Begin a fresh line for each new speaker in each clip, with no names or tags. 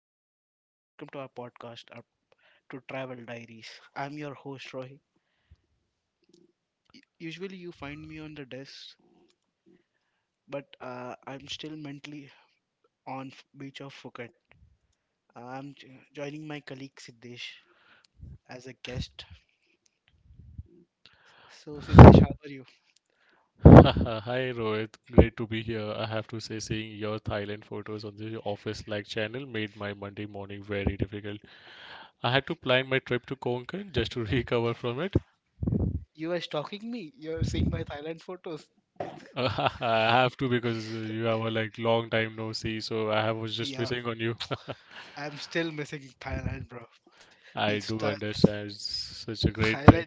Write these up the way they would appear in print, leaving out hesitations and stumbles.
to welcome to our podcast, to Travel Diaries. I'm your host Rohit. Usually you find me on the desk, but I'm still mentally on beach of Phuket. I'm joining my colleague Siddesh as a guest. So Siddesh, how are you?
Hi Rohit, great to be here. I have to say, seeing your Thailand photos on the office like channel made my Monday morning very difficult. I had to plan my trip to Konkan just to recover from it.
You are stalking me. You're seeing my Thailand photos.
I have to because you have a like long time no see, so was just
Yeah,
missing on you.
I'm still missing Thailand, bro.
I
It's
do
that
understand, it's such a great thing.
Thailand.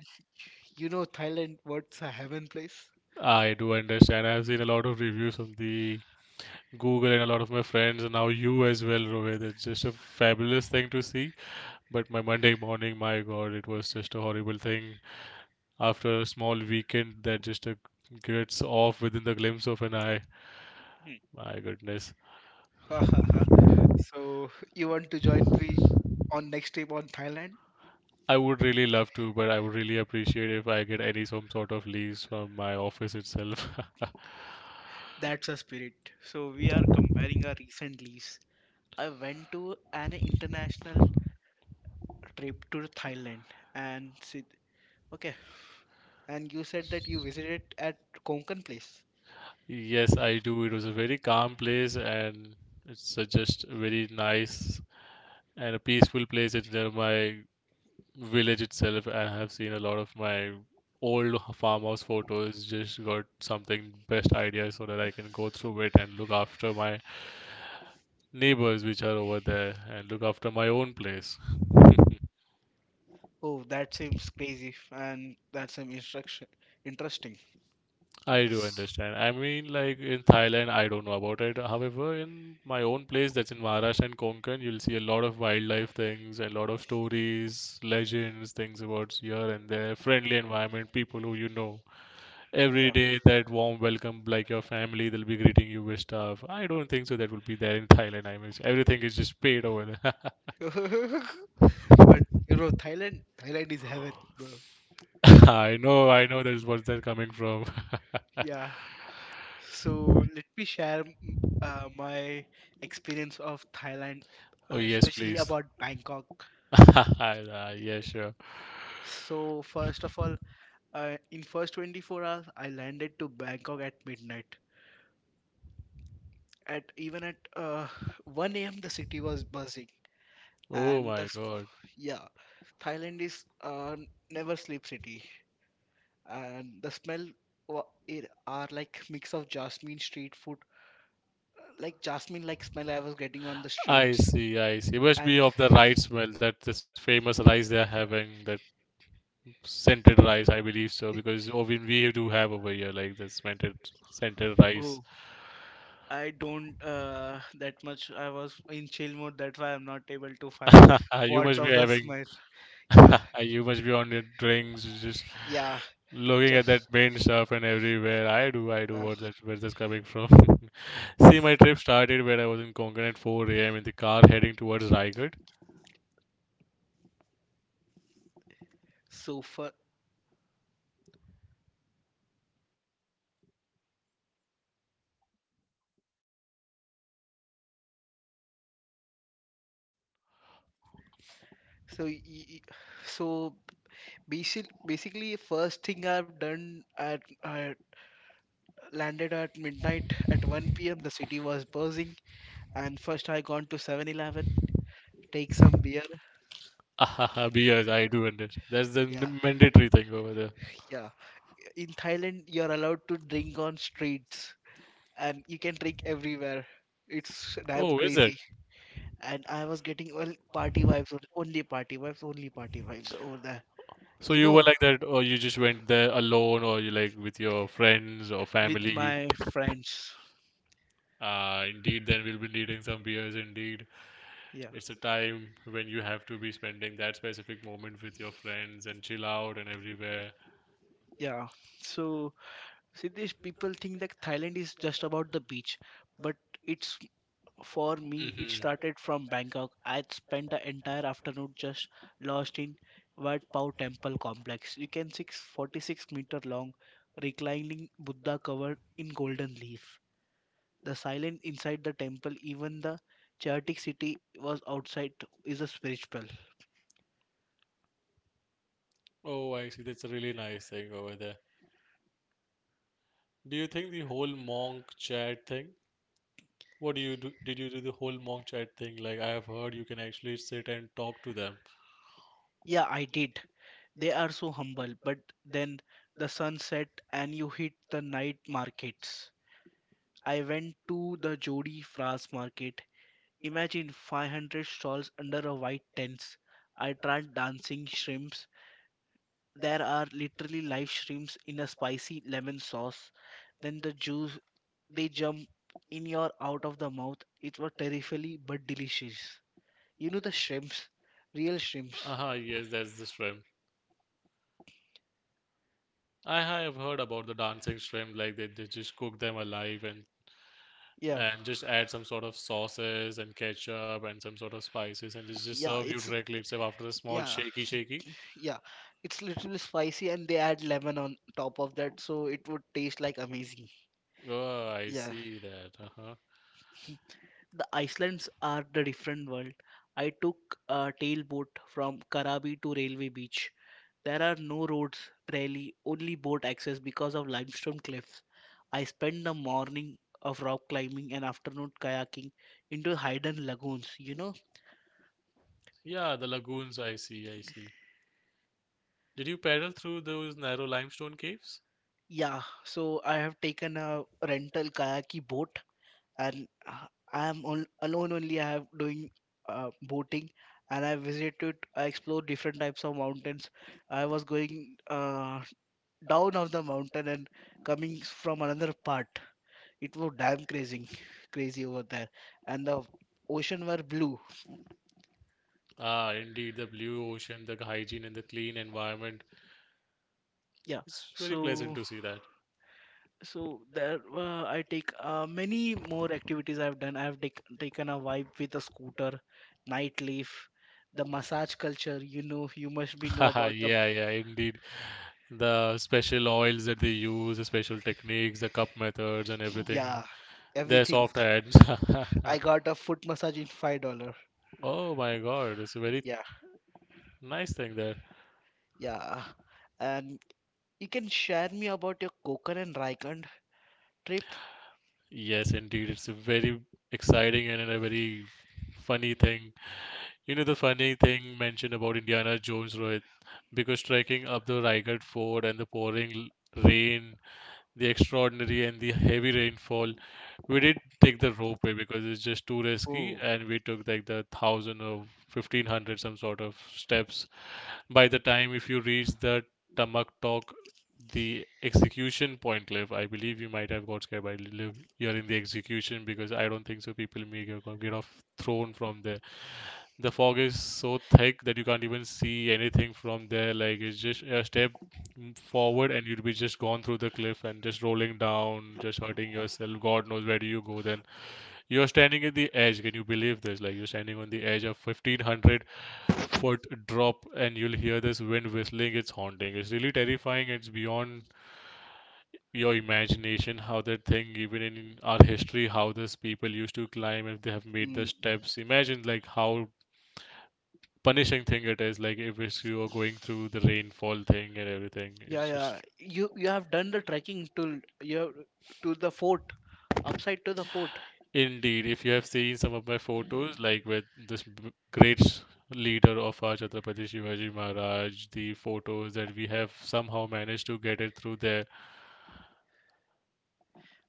You know Thailand? What's a heaven place?
I do understand. I've seen a lot of reviews on the Google and a lot of my friends, and now you as well, Rohit. It's just a fabulous thing to see. But my Monday morning, my God, it was just a horrible thing. After a small weekend that just gets off within the glimpse of an eye, my goodness.
So you want to join me on next trip on Thailand?
I would really love to, but I would really appreciate if I get any some sort of leaves from my office itself.
That's a spirit. So we are comparing our recent leaves. I went to an international trip to Thailand and see, okay. And you said that you visited at Konkan place.
Yes, I do. It was a very calm place, and it's just a very nice and a peaceful place. It's near my village itself. I have seen a lot of my old farmhouse photos. Just got something best idea so that I can go through it and look after my neighbors which are over there, and look after my own place.
Oh, that seems crazy and that seems instruction interesting.
I do understand. I mean, like in Thailand, I don't know about it. However, in my own place, that's in Maharashtra and Konkan, you'll see a lot of wildlife things, a lot of stories, legends, things about here and there, friendly environment, people who you know.
Yeah.
Every day that warm welcome, like your family, they'll be greeting you with stuff. I don't think so that will be there in Thailand. I mean, everything is just paid over there.
You know, Thailand, Thailand is heaven, bro.
I know, I know, that's where they coming from.
Yeah. So let me share my experience of Thailand,
Oh, yes,
especially
please.
about Bangkok.
Ah, yeah, sure.
So first of all, in first 24 hours, I landed to Bangkok at midnight. At even at 1 a.m., the city was buzzing,
Oh
and
my God.
yeah, Thailand is never sleep city, and the smell it are like mix of jasmine street food, like jasmine like smell I was getting on the
I
streets.
see, I see, it must
And
be of the rice smell, that this famous rice they're having, that scented rice, I believe so, because oh, we do have over here like this scented
oh,
rice.
I don't that much. I was in chill mode, that's why I'm not able to find
You
words
must be
of the
having.
smile. Yeah,
You must be on your drinks, just
yeah,
looking at that
just
main stuff and everywhere. I do, I do.
yeah.
Where's this coming from? See, my trip started when I was in Konkan at 4 a.m. in the car heading towards Raigad.
So far. So, y- y- so, basically, first thing I've done, I landed at midnight at 1 p.m. The city was buzzing, and first I gone to 7-Eleven, take some beer.
Beers, I do understand. That's the
Yeah,
mandatory thing over there.
yeah. In Thailand, you're allowed to drink on streets, and you can drink everywhere. It's damn
Oh, is it?
crazy. And I was getting all party vibes, only party vibes, only party vibes over there.
So
You
you
know,
were like that, or you just went there alone, or you like with your friends or
with
family?
my friends.
Indeed, then we'll be needing some beers. Indeed,
Yeah,
it's a time when you have to be spending that specific moment with your friends and chill out and everywhere.
yeah. So, Siddesh, people think that Thailand is just about the beach, but it's for me, it
Hmm.
started from Bangkok. I spent the entire afternoon just lost in Wat Pao Temple complex. You can see 46-meter long reclining Buddha covered in golden leaf. The silence inside the temple, even the chaotic city was outside, is a spiritual.
Oh, I see. That's a really nice thing over there. Do you think the whole monk chat thing? What do you do? Did you do the whole monk chat thing? Like I have heard you can actually sit and talk to them.
Yeah, I did. They are so humble, but then the sun set and you hit the night markets. I went to the Jodi Fras market. Imagine 500 stalls under a white tent. I tried dancing shrimps. There are literally live shrimps in a spicy lemon sauce. Then the juice They jump in your out of the mouth. It was terrifyingly but delicious. You know the shrimps, real shrimps.
Aha, yes, that's the shrimp. I have heard about the dancing shrimp. Like they just cook them alive, and
Yeah,
and just add some sort of sauces and ketchup and some sort of spices and just
yeah,
serve you
it's
directly itself after a small
yeah,
shaky shaky.
yeah. It's little spicy and they add lemon on top of that, so it would taste like amazing.
Oh, I
Yeah,
see that. Uh-huh.
the Icelands are the different world. I took a tailboat from Karabi to Railway Beach. There are no roads, rarely, only boat access because of limestone cliffs. I spend the morning of rock climbing and afternoon kayaking into hidden lagoons, you know?
Yeah, the lagoons, I see, I see. Did you paddle through those narrow limestone caves?
Yeah, so I have taken a rental kayaki boat, and I am alone only. I have doing boating, and I explored different types of mountains. I was going down of the mountain and coming from another part. It was damn crazy crazy over there, and the ocean were blue.
Ah, indeed, the blue ocean, the hygiene, and the clean environment.
Yeah,
It's very pleasant
so
to see that.
so there I take many more activities I've done. I've taken a vibe with a scooter, nightlife, the massage culture, you know. You must be know
Haha,
about the
yeah, yeah, indeed. The special oils that they use, the special techniques, the cup methods, and everything.
yeah,
Their
everything.
soft hands.
I got a foot massage in $5.
Oh my God, it's a very
Yeah,
nice thing there.
yeah. And you can share me about your kokan and raikand trip.
Yes, indeed, it's a very exciting and a very funny thing. You know the funny thing mentioned about Indiana Jones, Rohit, because trekking up the Raigad Fort and the pouring rain, the extraordinary and the heavy rainfall, we did take the ropeway because it's just too risky,
Oh.
and we took like the 1,000 or 1,500 some sort of steps. By the time if you reach the Tamak Tok, the execution point cliff, I believe you might have got scared by hearing the execution, because I don't think so people may get off thrown from there. The fog is so thick that you can't even see anything from there. Like it's just a step forward and you'll be just gone through the cliff and just rolling down, just hurting yourself. God knows where do you go then. You're standing at the edge. Can you believe this? Like you're standing on the edge of 1,500 foot drop and you'll hear this wind whistling. It's haunting. It's really terrifying. It's beyond your imagination how that thing, even in our history, how these people used to climb. If they have made the
Mm.
steps, imagine like how punishing thing it is. Like if it's you are going through the rainfall thing and everything,
Yeah,
it's
yeah.
just
You have done the trekking to you have, to the fort, upside to the fort.
indeed. If you have seen some of my photos like with this great leader of our Chhatrapati Shivaji Maharaj, the photos that we have somehow managed to get it through there.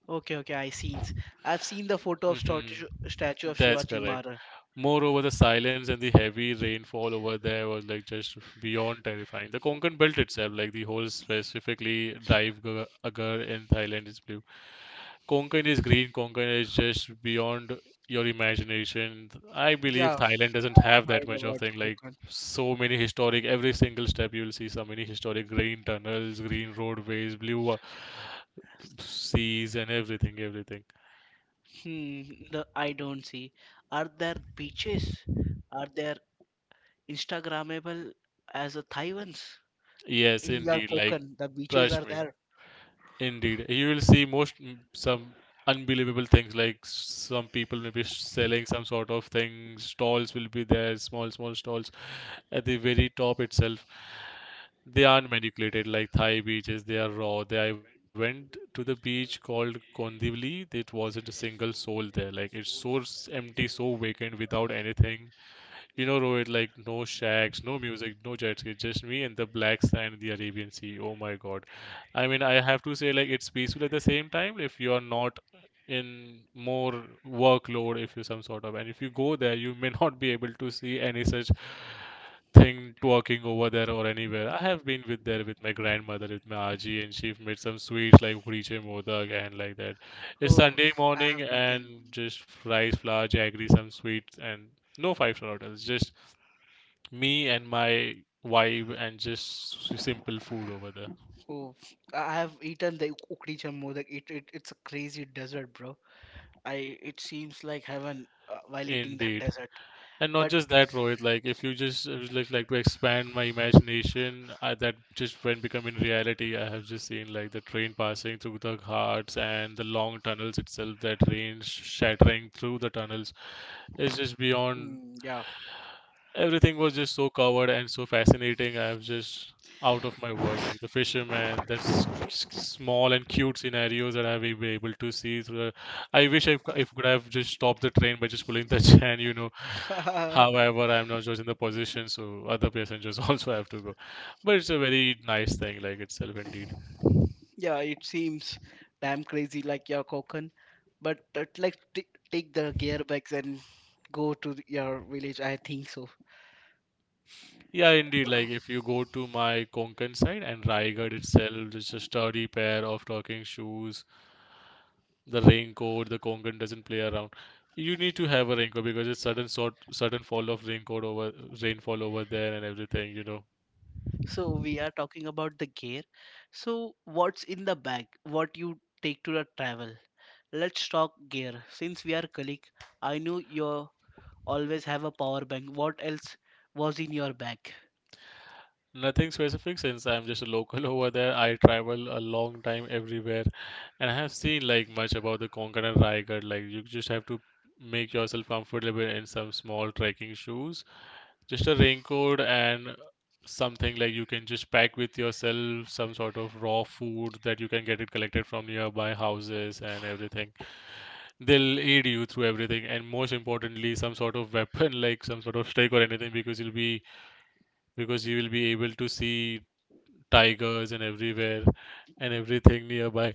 Okay, okay, I see. I've seen the photo of statue
Hmm,
of
that's
Shivaji
correct.
Maharaj.
Moreover, the silence and the heavy rainfall over there was like just beyond terrifying. The Konkan belt itself, like the whole, specifically Dive Agar. In Thailand is blue, Konkan is green, Konkan is just beyond your imagination. I believe
Yeah,
Thailand doesn't have
I've
that
heard
much of
about
thing,
the
like
Konkan.
so many historic, every single step you'll see so many historic green tunnels, green roadways, blue seas and everything everything.
Hmm. The I don't see. Are there beaches? Are there Instagrammable as a Thai ones?
Yes,
In your
indeed, like,
Konkan, the beaches
trust
are
me.
there.
Indeed, you will see most some unbelievable things, like some people may be selling some sort of thing. Stalls will be there, small small stalls at the very top itself. They aren't manipulated like Thai beaches. They are raw. They I went to the beach called Kondivali. It wasn't a single soul there. Like it's so empty, so vacant, without anything, you know, Rohit, like no shacks, no music, no jet ski, just me and the black sand, the Arabian Sea. Oh my God. I mean, I have to say, like, it's peaceful at the same time if you are not in more workload, if you some sort of, and if you go there, you may not be able to see any such thing twerking over there or anywhere. I have been with there with my grandmother, with my Aji, and she made some sweets like Uriche Modak and like that. It's
Oh,
Sunday
I
morning,
have taken.
and just rice, flour, jaggery, some sweets, and no five-star hotels, just me and my vibe and just simple food over there.
Oh, I have eaten the Ukri Jammu. Like it's a crazy desert, bro. I It seems like heaven while eating that
Indeed.
desert.
And not
But
just that, Rohit. Like, if you just like to expand my imagination, that just when becoming reality, I have just seen like the train passing through the ghats and the long tunnels itself. That rain shattering through the tunnels is just beyond.
yeah.
Everything was just so covered and so fascinating. I was just out of my world. Like the fisherman, that's small and cute scenarios that I will be able to see through the, I wish I if could have just stopped the train by just pulling the chain. However, I'm not just in the position, so other passengers also have to go. But it's a very nice thing, like itself, indeed.
Yeah, it seems damn crazy like your coconut, but like take the gearbox and go to your village, I think so.
Yeah, indeed. Like if you go to my Konkan side and Raigad itself, it's a sturdy pair of talking shoes, the raincoat, the Konkan doesn't play around. You need to have a raincoat because it's sudden sort sudden fall of raincoat over rainfall over there and everything.
So we are talking about the gear. So what's in the bag? What you take to the travel? Let's talk gear. Since we are colleague, I know you always have a power bank. What else was in your bag?
Nothing specific since I'm just a local over there. I travel a long time everywhere, and I have seen like much about the Konkan and Raigad. Like you just have to make yourself comfortable in some small trekking shoes. Just a raincoat, and something like you can just pack with yourself some sort of raw food that you can get it collected from nearby houses and everything, they'll aid you through everything, and most importantly some sort of weapon like some sort of stick or anything, because you will be able to see tigers and everywhere and everything nearby,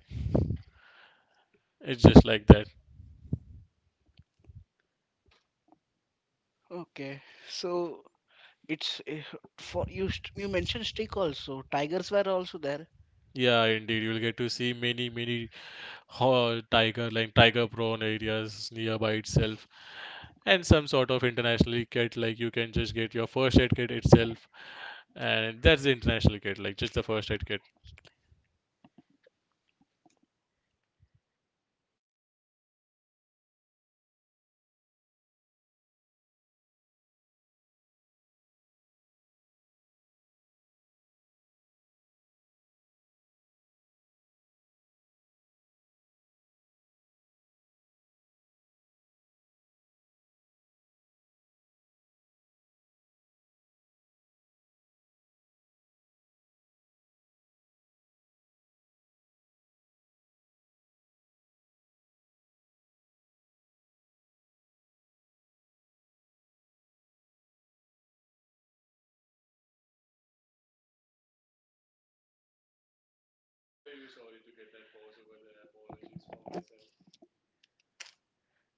it's just like that.
Okay, so it's for you. You mentioned stick also. Tigers were also there.
Yeah, indeed, you'll get to see many many tiger, like tiger prone areas nearby itself, and some sort of international kit, like you can just get your first aid kit itself, and that's the international kit, like just the first aid kit.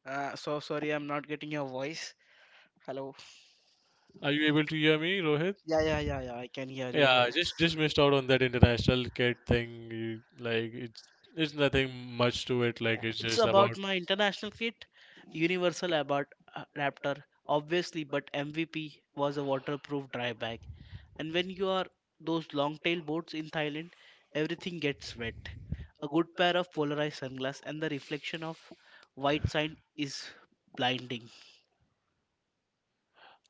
So sorry, I'm not getting your voice. Hello.
Are you able to hear me, Rohit?
Yeah, yeah, yeah, yeah. I can hear
Yeah, I
you.
just missed out on that international kid thing. Like it's nothing much to it. Like it's
It's
just about.
about my international kit, Universal about Raptor, obviously, but MVP was a waterproof dry bag. And when you are those long tail boats in Thailand, everything gets wet. A good pair of polarized sunglasses, and the reflection of white sand is blinding.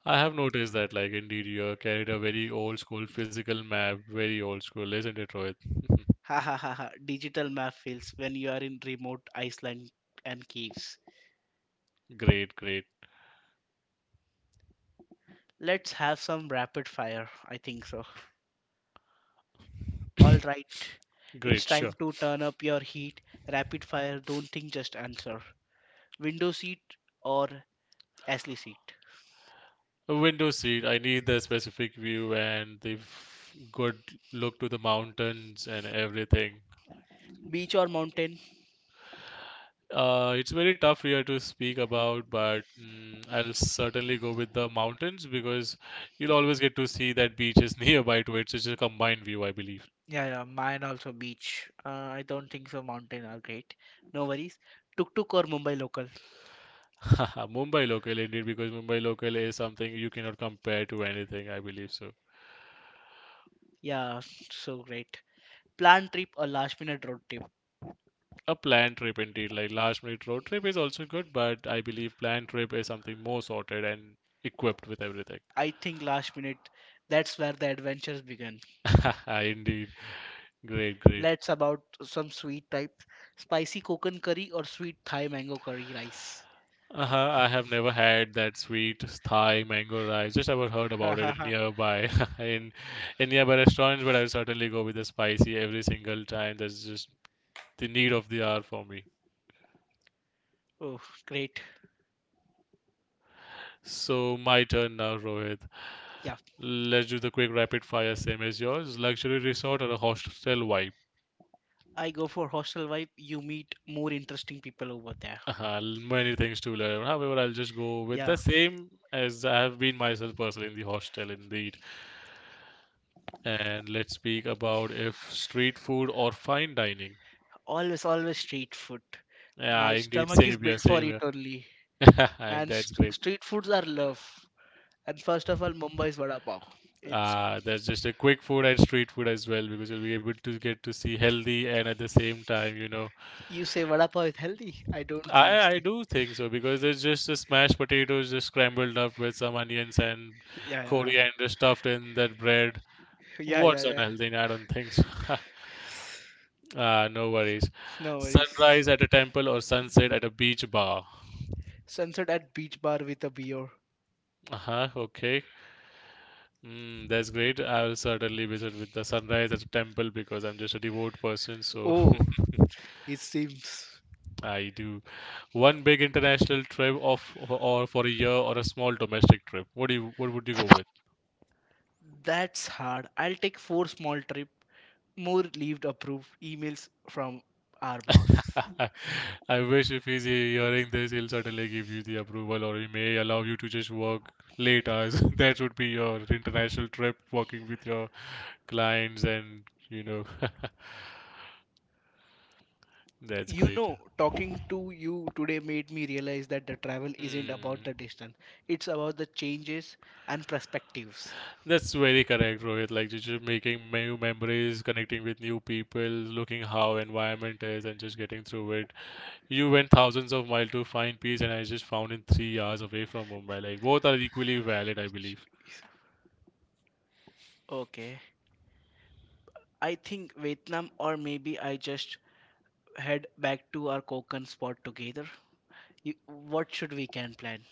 I have noticed that, like, indeed you carried a very old school physical map, very old school, isn't it, Rohit?
Ha ha ha ha. Digital map fails when you are in remote Iceland and caves.
Great, great,
Let's have some rapid fire, I think so. All right. It's
great.
time
Sure.
to turn up your heat. Rapid fire. Don't think, just answer. Window seat or Ashley seat?
A window seat. I need the specific view and the good look to the mountains and everything.
Beach or mountain?
It's very tough here to speak about, but I'll certainly go with the mountains because you'll always get to see that beach is nearby to it. So it's a combined view, I believe.
Yeah, yeah, mine also beach. I don't think so. Mountain are great. No worries. Tuk tuk or Mumbai local?
Mumbai local indeed, because Mumbai local is something you cannot compare to anything, I believe so.
Yeah, so great. Planned trip or last minute road trip?
A planned trip indeed, like last minute road trip is also good, but I believe planned trip is something more sorted and equipped with everything.
I think last minute. That's where the adventures begin.
Indeed. Great, great.
Let's about some sweet type, spicy coconut curry or sweet Thai mango curry rice.
Uh-huh, I have never had that sweet Thai mango rice. Just I've heard about it in nearby in in nearby restaurants, but I'll certainly go with the spicy every single time. That's just the need of the hour for me.
Oh, great.
So my turn now, Rohit.
Yeah.
Let's do the quick rapid fire, same as yours. Luxury resort or a hostel vibe?
I go for hostel vibe. You meet more interesting people over there.
Many things to learn. However, I'll just go with
Yeah.
the same as I have been myself personally in the hostel, indeed. And let's speak about if street food or fine dining.
Always, always street food.
Yeah,
My
indeed,
stomach is
same here,
built for
same
it only.
here. And
And
that's great.
street foods are love. And first of all, Mumbai's vada pav. It's
That's just a quick food and street food as well because you'll be able to get to see healthy and at the same time, you know.
You say vada pav is healthy. I don't
I
seems
I
like.
do think so because there's just a smashed potatoes just scrambled up with some onions and
Yeah, yeah,
coriander stuffed in that bread.
yeah, yeah,
What's
yeah.
unhealthy? I don't think so. Ah, no worries.
No worries.
Sunrise at a temple or sunset at a beach bar.
Sunset at beach bar with a beer.
Uh-huh, okay. Mm, that's great. I'll certainly visit with the sunrise at the temple because I'm just a devout person. So
Oh, it seems
I do one big international trip of or for a year or a small domestic trip. What would you go with?
that's hard. I'll take four small trip. More leave approved. Emails from our boss.
I wish if he's hearing this, he'll certainly give you the approval or he may allow you to just work late hours. That would be your international trip, working with your clients and you know that's
You
great.
know, talking to you today made me realize that the travel isn't about
Mm.
the distance, it's about the changes and perspectives.
That's very correct, Rohit. Like just making new memories, connecting with new people, looking how environment is, and just getting through it. You went thousands of miles to find peace, and I just found in 3 hours away from Mumbai. Like both are equally valid, I believe.
Okay. I think Vietnam, or maybe I just head back to our Konkan spot together. You, what should we can plan?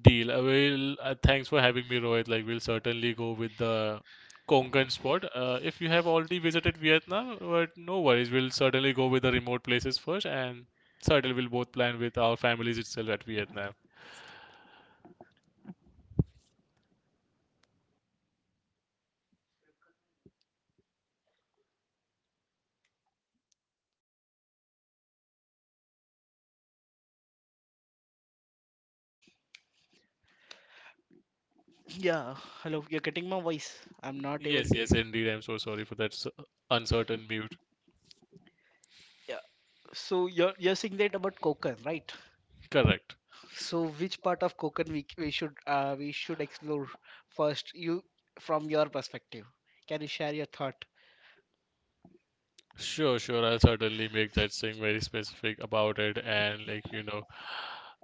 Deal. I will. Thanks for having me, Rohit. Like we'll certainly go with the Konkan spot. If you have already visited Vietnam, but no worries, we'll certainly go with the remote places first, and certainly we'll both plan with our families itself at Vietnam.
Yeah. Hello. You're getting my voice. I'm not able
Yes,
to.
yes, indeed. I'm so sorry for that uncertain mute.
Yeah. So you're saying that about Konkan, right?
Correct.
So, which part of Konkan we should explore first? You From your perspective, can you share your thought?
Sure, sure. I'll certainly make that thing very specific about it and like, you know,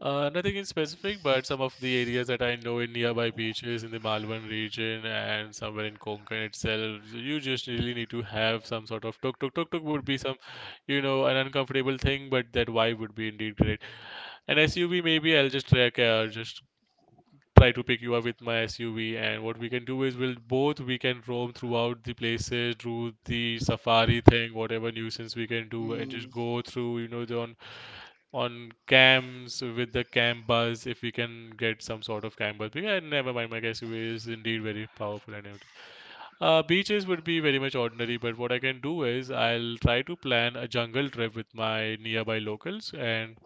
nothing in specific, but some of the areas that I know in nearby beaches in the Malvan region and somewhere in Konkan itself, you just really need to have some sort of tuk tuk would be some, you know, an uncomfortable thing, but that vibe would be indeed great. An SUV maybe I'll just track, just try to pick you up with my SUV. And what we can do is we can roam throughout the places, do the safari thing, whatever nuisance we can do, and
Mm,
just go through, you know, the on camps with the camp bus if we can get some sort of camp bus. But yeah, never mind. My SUV is indeed very powerful and everything. Beaches would be very much ordinary, but what I can do is I'll try to plan a jungle trip with my nearby locals, and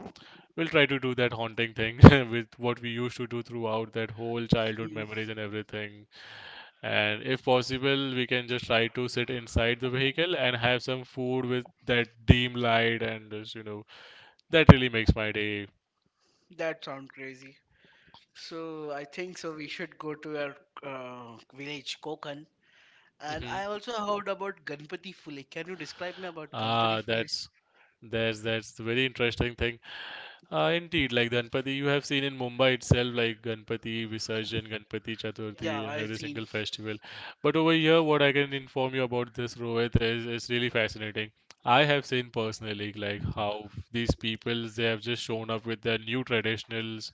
we'll try to do that haunting thing with what we used to do throughout that whole childhood
mm,
memories and everything. And if possible, we can just try to sit inside the vehicle and have some food with that dim light and just, you know, that really makes my day.
that sounds crazy. So I think so we should go to our village Konkan. And
Hmm.
I also heard about Ganpati Fule. Can you describe me about Ganpati
Ah,
Fule?
that's the very interesting thing. Indeed, like Ganpati, you have seen in Mumbai itself, like Ganpati Visarjan, Ganpati
Yeah,
Chaturthi,
I
and every
seen.
single festival. But over here, what I can inform you about this, Rohit, is really fascinating. I have seen personally, like how these peoples they have just shown up with their new traditionals,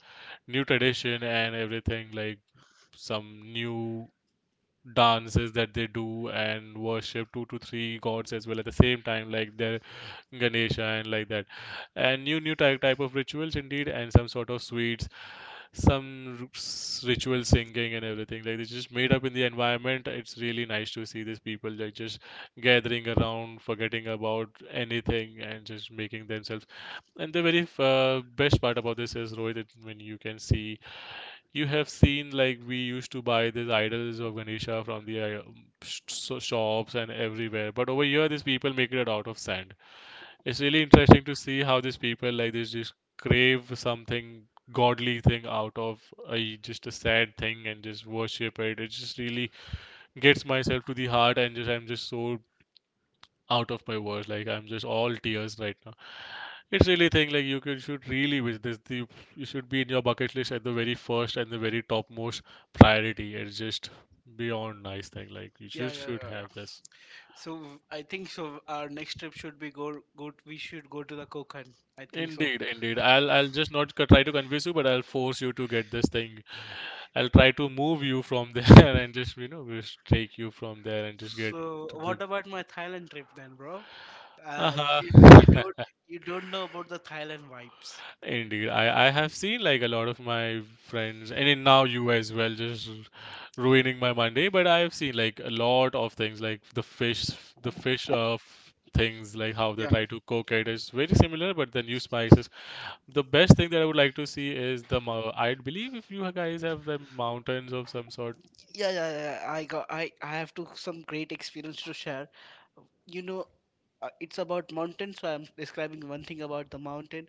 new tradition and everything, like some new dances that they do and worship two to three gods as well at the same time. Like there Ganesha and like that, and new type of rituals indeed, and some sort of sweets, some ritual singing and everything. Like it's just made up in the environment. It's really nice to see these people like just gathering around, forgetting about anything, and just making themselves. And the very best part about this is Rohit, that when you can see, you have seen like we used to buy these idols of Ganesha from the shops and everywhere, but over here these people make it out of sand. It's really interesting to see how these people like they just crave something godly thing out of a just a sad thing and just worship it. It just really gets myself to the heart and just I'm just so out of my words, like I'm just all tears right now. It's really thing, like you could should really visit this. The you should be in your bucket list at the very first and the very topmost priority. It's just beyond nice thing, like you
Yeah, yeah,
should
yeah,
have
yeah.
this.
So I think so our next trip should be go go we should go to the Konkan, I think so.
Indeed, I'll just not co- try to convince you, but I'll force you to get this thing. I'll try to move you from there and just you know just take you from there and just get
So
to the
what about my Thailand trip then, bro?
uh-huh.
You you don't know about the Thailand vibes.
Indeed, I have seen like a lot of my friends and in now you as well just ruining my Monday, but I have seen like a lot of things like the fish of things, like how they
Yeah,
try to cook it is very similar but then use spices. The best thing that I would like to see is the I believe if you guys have the mountains of some sort.
yeah, yeah, yeah. I have to some great experience to share. You know, it's about mountain, so I'm describing one thing about the mountain.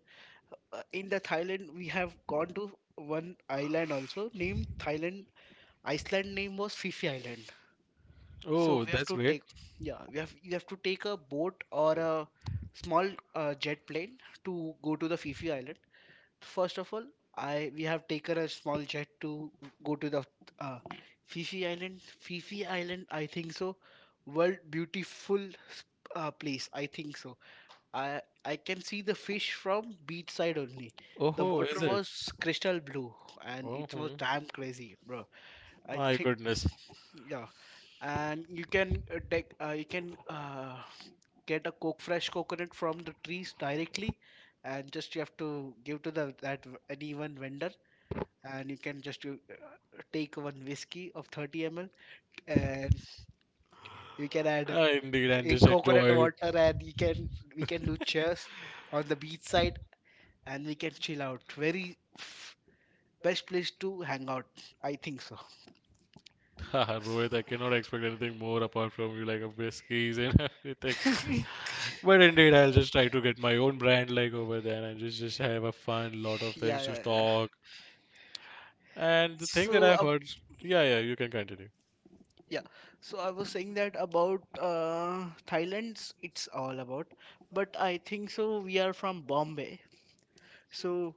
In the Thailand, we have gone to one island also named Thailand. Iceland name was Phi Phi Island. So
Oh,
we have
that's
to
great.
take, yeah, we have you have to take a boat or a small jet plane to go to the Fifi Island. First of all, I we have taken a small jet to go to the uh, Fifi Island. Fifi Island, I think so, world beautiful s- place, I think so. I can see the fish from beach side only. The
Oh,
water
is it?
was crystal blue and
Oh,
it was damn crazy, bro. I
my
think,
goodness.
yeah, and you can take you can get a coke fresh coconut from the trees directly, and just you have to give to the that any one vendor, and you can just take one whiskey of 30 ml and you can add
Indeed, I
in
just
coconut
enjoyed.
water, and you can we can do chairs on the beach side, and we can chill out very best place to hang out, I think so.
Haha, Rohit, I cannot expect anything more apart from you, like a whiskies and everything. But indeed, I'll just try to get my own brand, like over there, and just have a fun, lot of
Yeah,
things to
yeah, yeah.
stock. And the thing that
so
I've
uh,
heard, yeah, yeah, you can continue.
Yeah, so I was saying that about Thailand's, it's all about. But I think so. We are from Bombay, so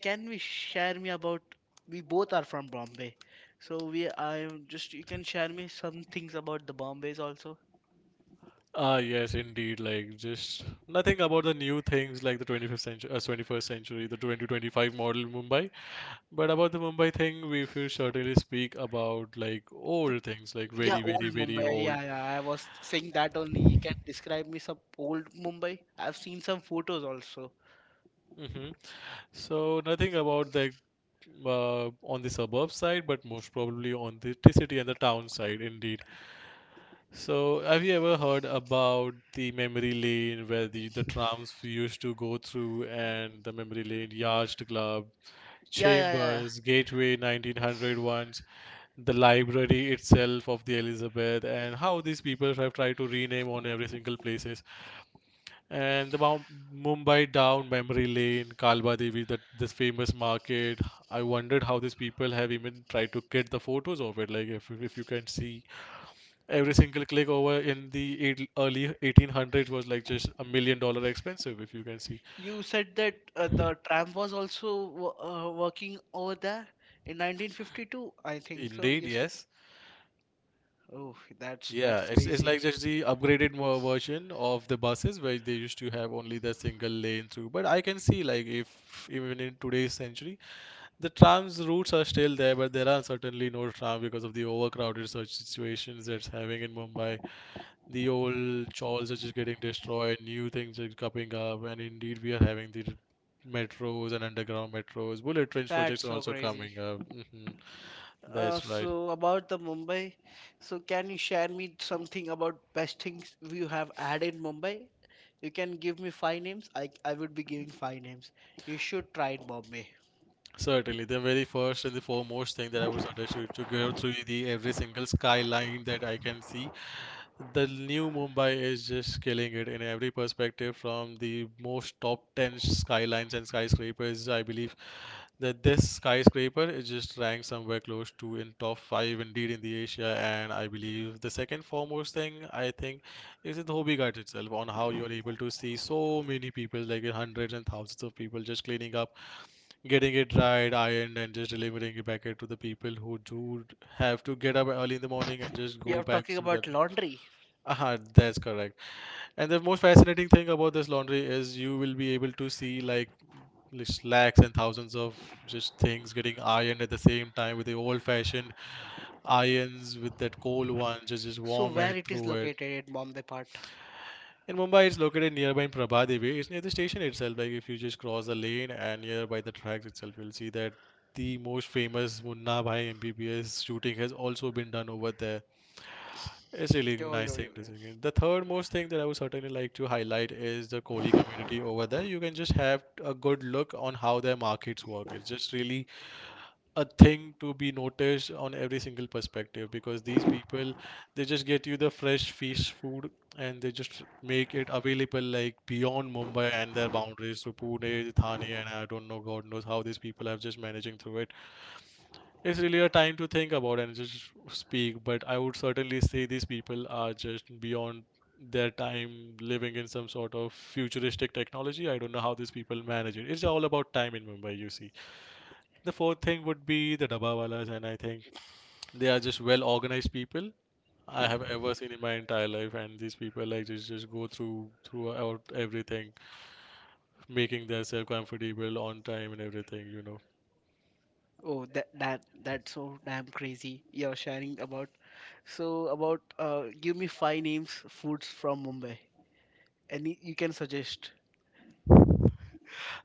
can we share me about? We both are from Bombay, so we. I am just. You can share me some things about the Bombays also.
Ah, yes, indeed. Like, just nothing about the new things like the 25th century, 21st century, the 2025 model Mumbai. But about the Mumbai thing, we will certainly speak about like
The,
old things, like
yeah,
very,
old
very, very
Mumbai.
old.
Yeah, yeah. I was saying that only. You can describe me some old Mumbai. I've seen some photos also.
Hmm. So, nothing about the on the suburb side, but most probably on the city and the town side, indeed. So, have you ever heard about the memory lane where the trams used to go through, and the memory lane, Yacht Club,
Yeah, yeah, yeah, yeah.
Chambers, Gateway 1900 ones, the library itself of the Elizabeth, and how these people have tried to rename on every single places. And the Mumbai down memory lane, Kalba Devi, that this famous market. I wondered how these people have even tried to get the photos of it. Like if you can see every single click over in the eight, early 1800s was like just 1 million dollar expensive if you can see.
You said that the tram was also working over there in 1952, I think so.
Indeed,
Yes.
yes.
Oh, that's
Yeah, it's
crazy.
like just the upgraded version of the buses where they used to have only the single lane through, but I can see like if even in today's century the trams routes are still there, but there are certainly no tram because of the overcrowded such situations that's having in Mumbai. The old chores are just getting destroyed, new things are coming up, and indeed we are having the metros and underground metros. Bullet trains projects
That's
are
so
also
crazy.
coming up. Hmm. That's
Uh,
right.
so about the Mumbai, so can you share me something about best things you have had in Mumbai? You can give me five names. I would be giving five names. You should try in Bombay.
Certainly, the very first and the foremost thing that I would suggest you to go through the every single skyline that I can see. The new Mumbai is just killing it in every perspective from the most top 10 skylines and skyscrapers. I believe that this skyscraper is just ranked somewhere close to in top 5 indeed in the Asia, and I believe the second foremost thing I think is the Dhobi Ghat itself on how you're able to see so many people, like hundreds and thousands of people just cleaning up, getting it dried, ironed, and just delivering it back to the people who do have to get up early in the morning and just
You
go
are
back
talking
through that.
about laundry.
Uh-huh, that's correct. And the most fascinating thing about this laundry is you will be able to see like just lakhs and thousands of just things getting ironed at the same time with the old-fashioned irons with that coal one, just
So
warm
where
it
it is
through it.
located in Bombay part?
In Mumbai, it's located nearby in Prabhadevi. It's near the station itself. Like if you just cross the lane and nearby the tracks itself, you'll see that the most famous Munna Bhai MBBS shooting has also been done over there. It's really
Yo,
nice
yo, yo,
thing to
yo.
think. The third most thing that I would certainly like to highlight is the Kohli community over there. You can just have a good look on how their markets work. It's just really a thing to be noticed on every single perspective because these people they just get you the fresh fish food, and they just make it available like beyond Mumbai and their boundaries to Pune, Thane, and I don't know God knows how these people are just managing through it. It's really a time to think about and just speak, but I would certainly say these people are just beyond their time living in some sort of futuristic technology. I don't know how these people manage it. It's all about time in Mumbai, you see. The fourth thing would be the Dabawalas, and I think they are just well organized people I have ever seen in my entire life. And these people like just go through throughout everything, making themselves comfortable on time and everything, you know.
Oh, that that's so damn crazy. You're sharing about, so about, give me five names foods from Mumbai. Any you can suggest.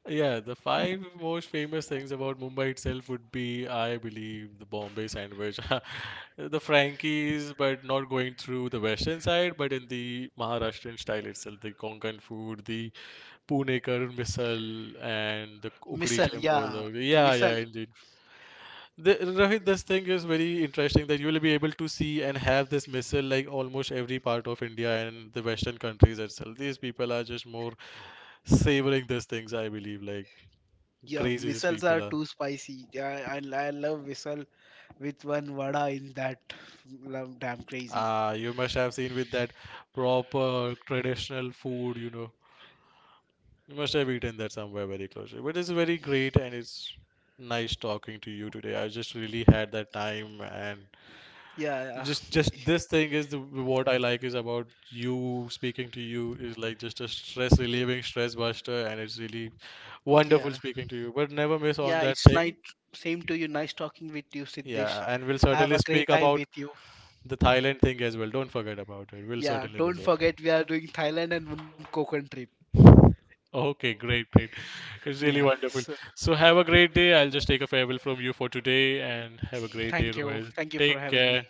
Yeah, the five most famous things about Mumbai itself would be, I believe, the Bombay sandwich, the Frankies, but not going through the western side, but in the Maharashtrian style itself, the Konkan food, the Punekar misal, and the ukdi
Misal,
gem or
yeah.
the yeah, yeah,
Misal.
indeed. The, Rohit, this thing is very interesting that you will be able to see and have this missile like almost every part of India and the Western countries itself. These people are just more savoring these things, I believe. Like
Yeah,
crazy these
misals
people
are
are.
too spicy. Yeah, I love misal with one vada in that. Love damn crazy.
Ah, you must have seen with that proper traditional food, you know. You must have eaten that somewhere very closely. But it's very great, and it's nice talking to you today. I just really had that time, and
Yeah,
just this thing is the, what I like is about you speaking to you is like just a stress relieving stress buster, and it's really
yeah.
wonderful
Yeah,
speaking to you, but never miss on
yeah,
that
it's nice.
thing.
Same to you. Nice talking with you, Siddesh.
Yeah, and we'll
Have
certainly
a great
speak
time
about
with you.
the Thailand thing as well. Don't forget about it. We'll
Yeah,
certainly
don't
visit.
forget we are doing Thailand and one Konkan trip.
Okay, great, great. It's
Yeah.
really
So
wonderful. So have a great day. I'll just take a farewell from you for today and have a great
thank
day,
you.
Royal.
Thank you for
Take
having
care.
me.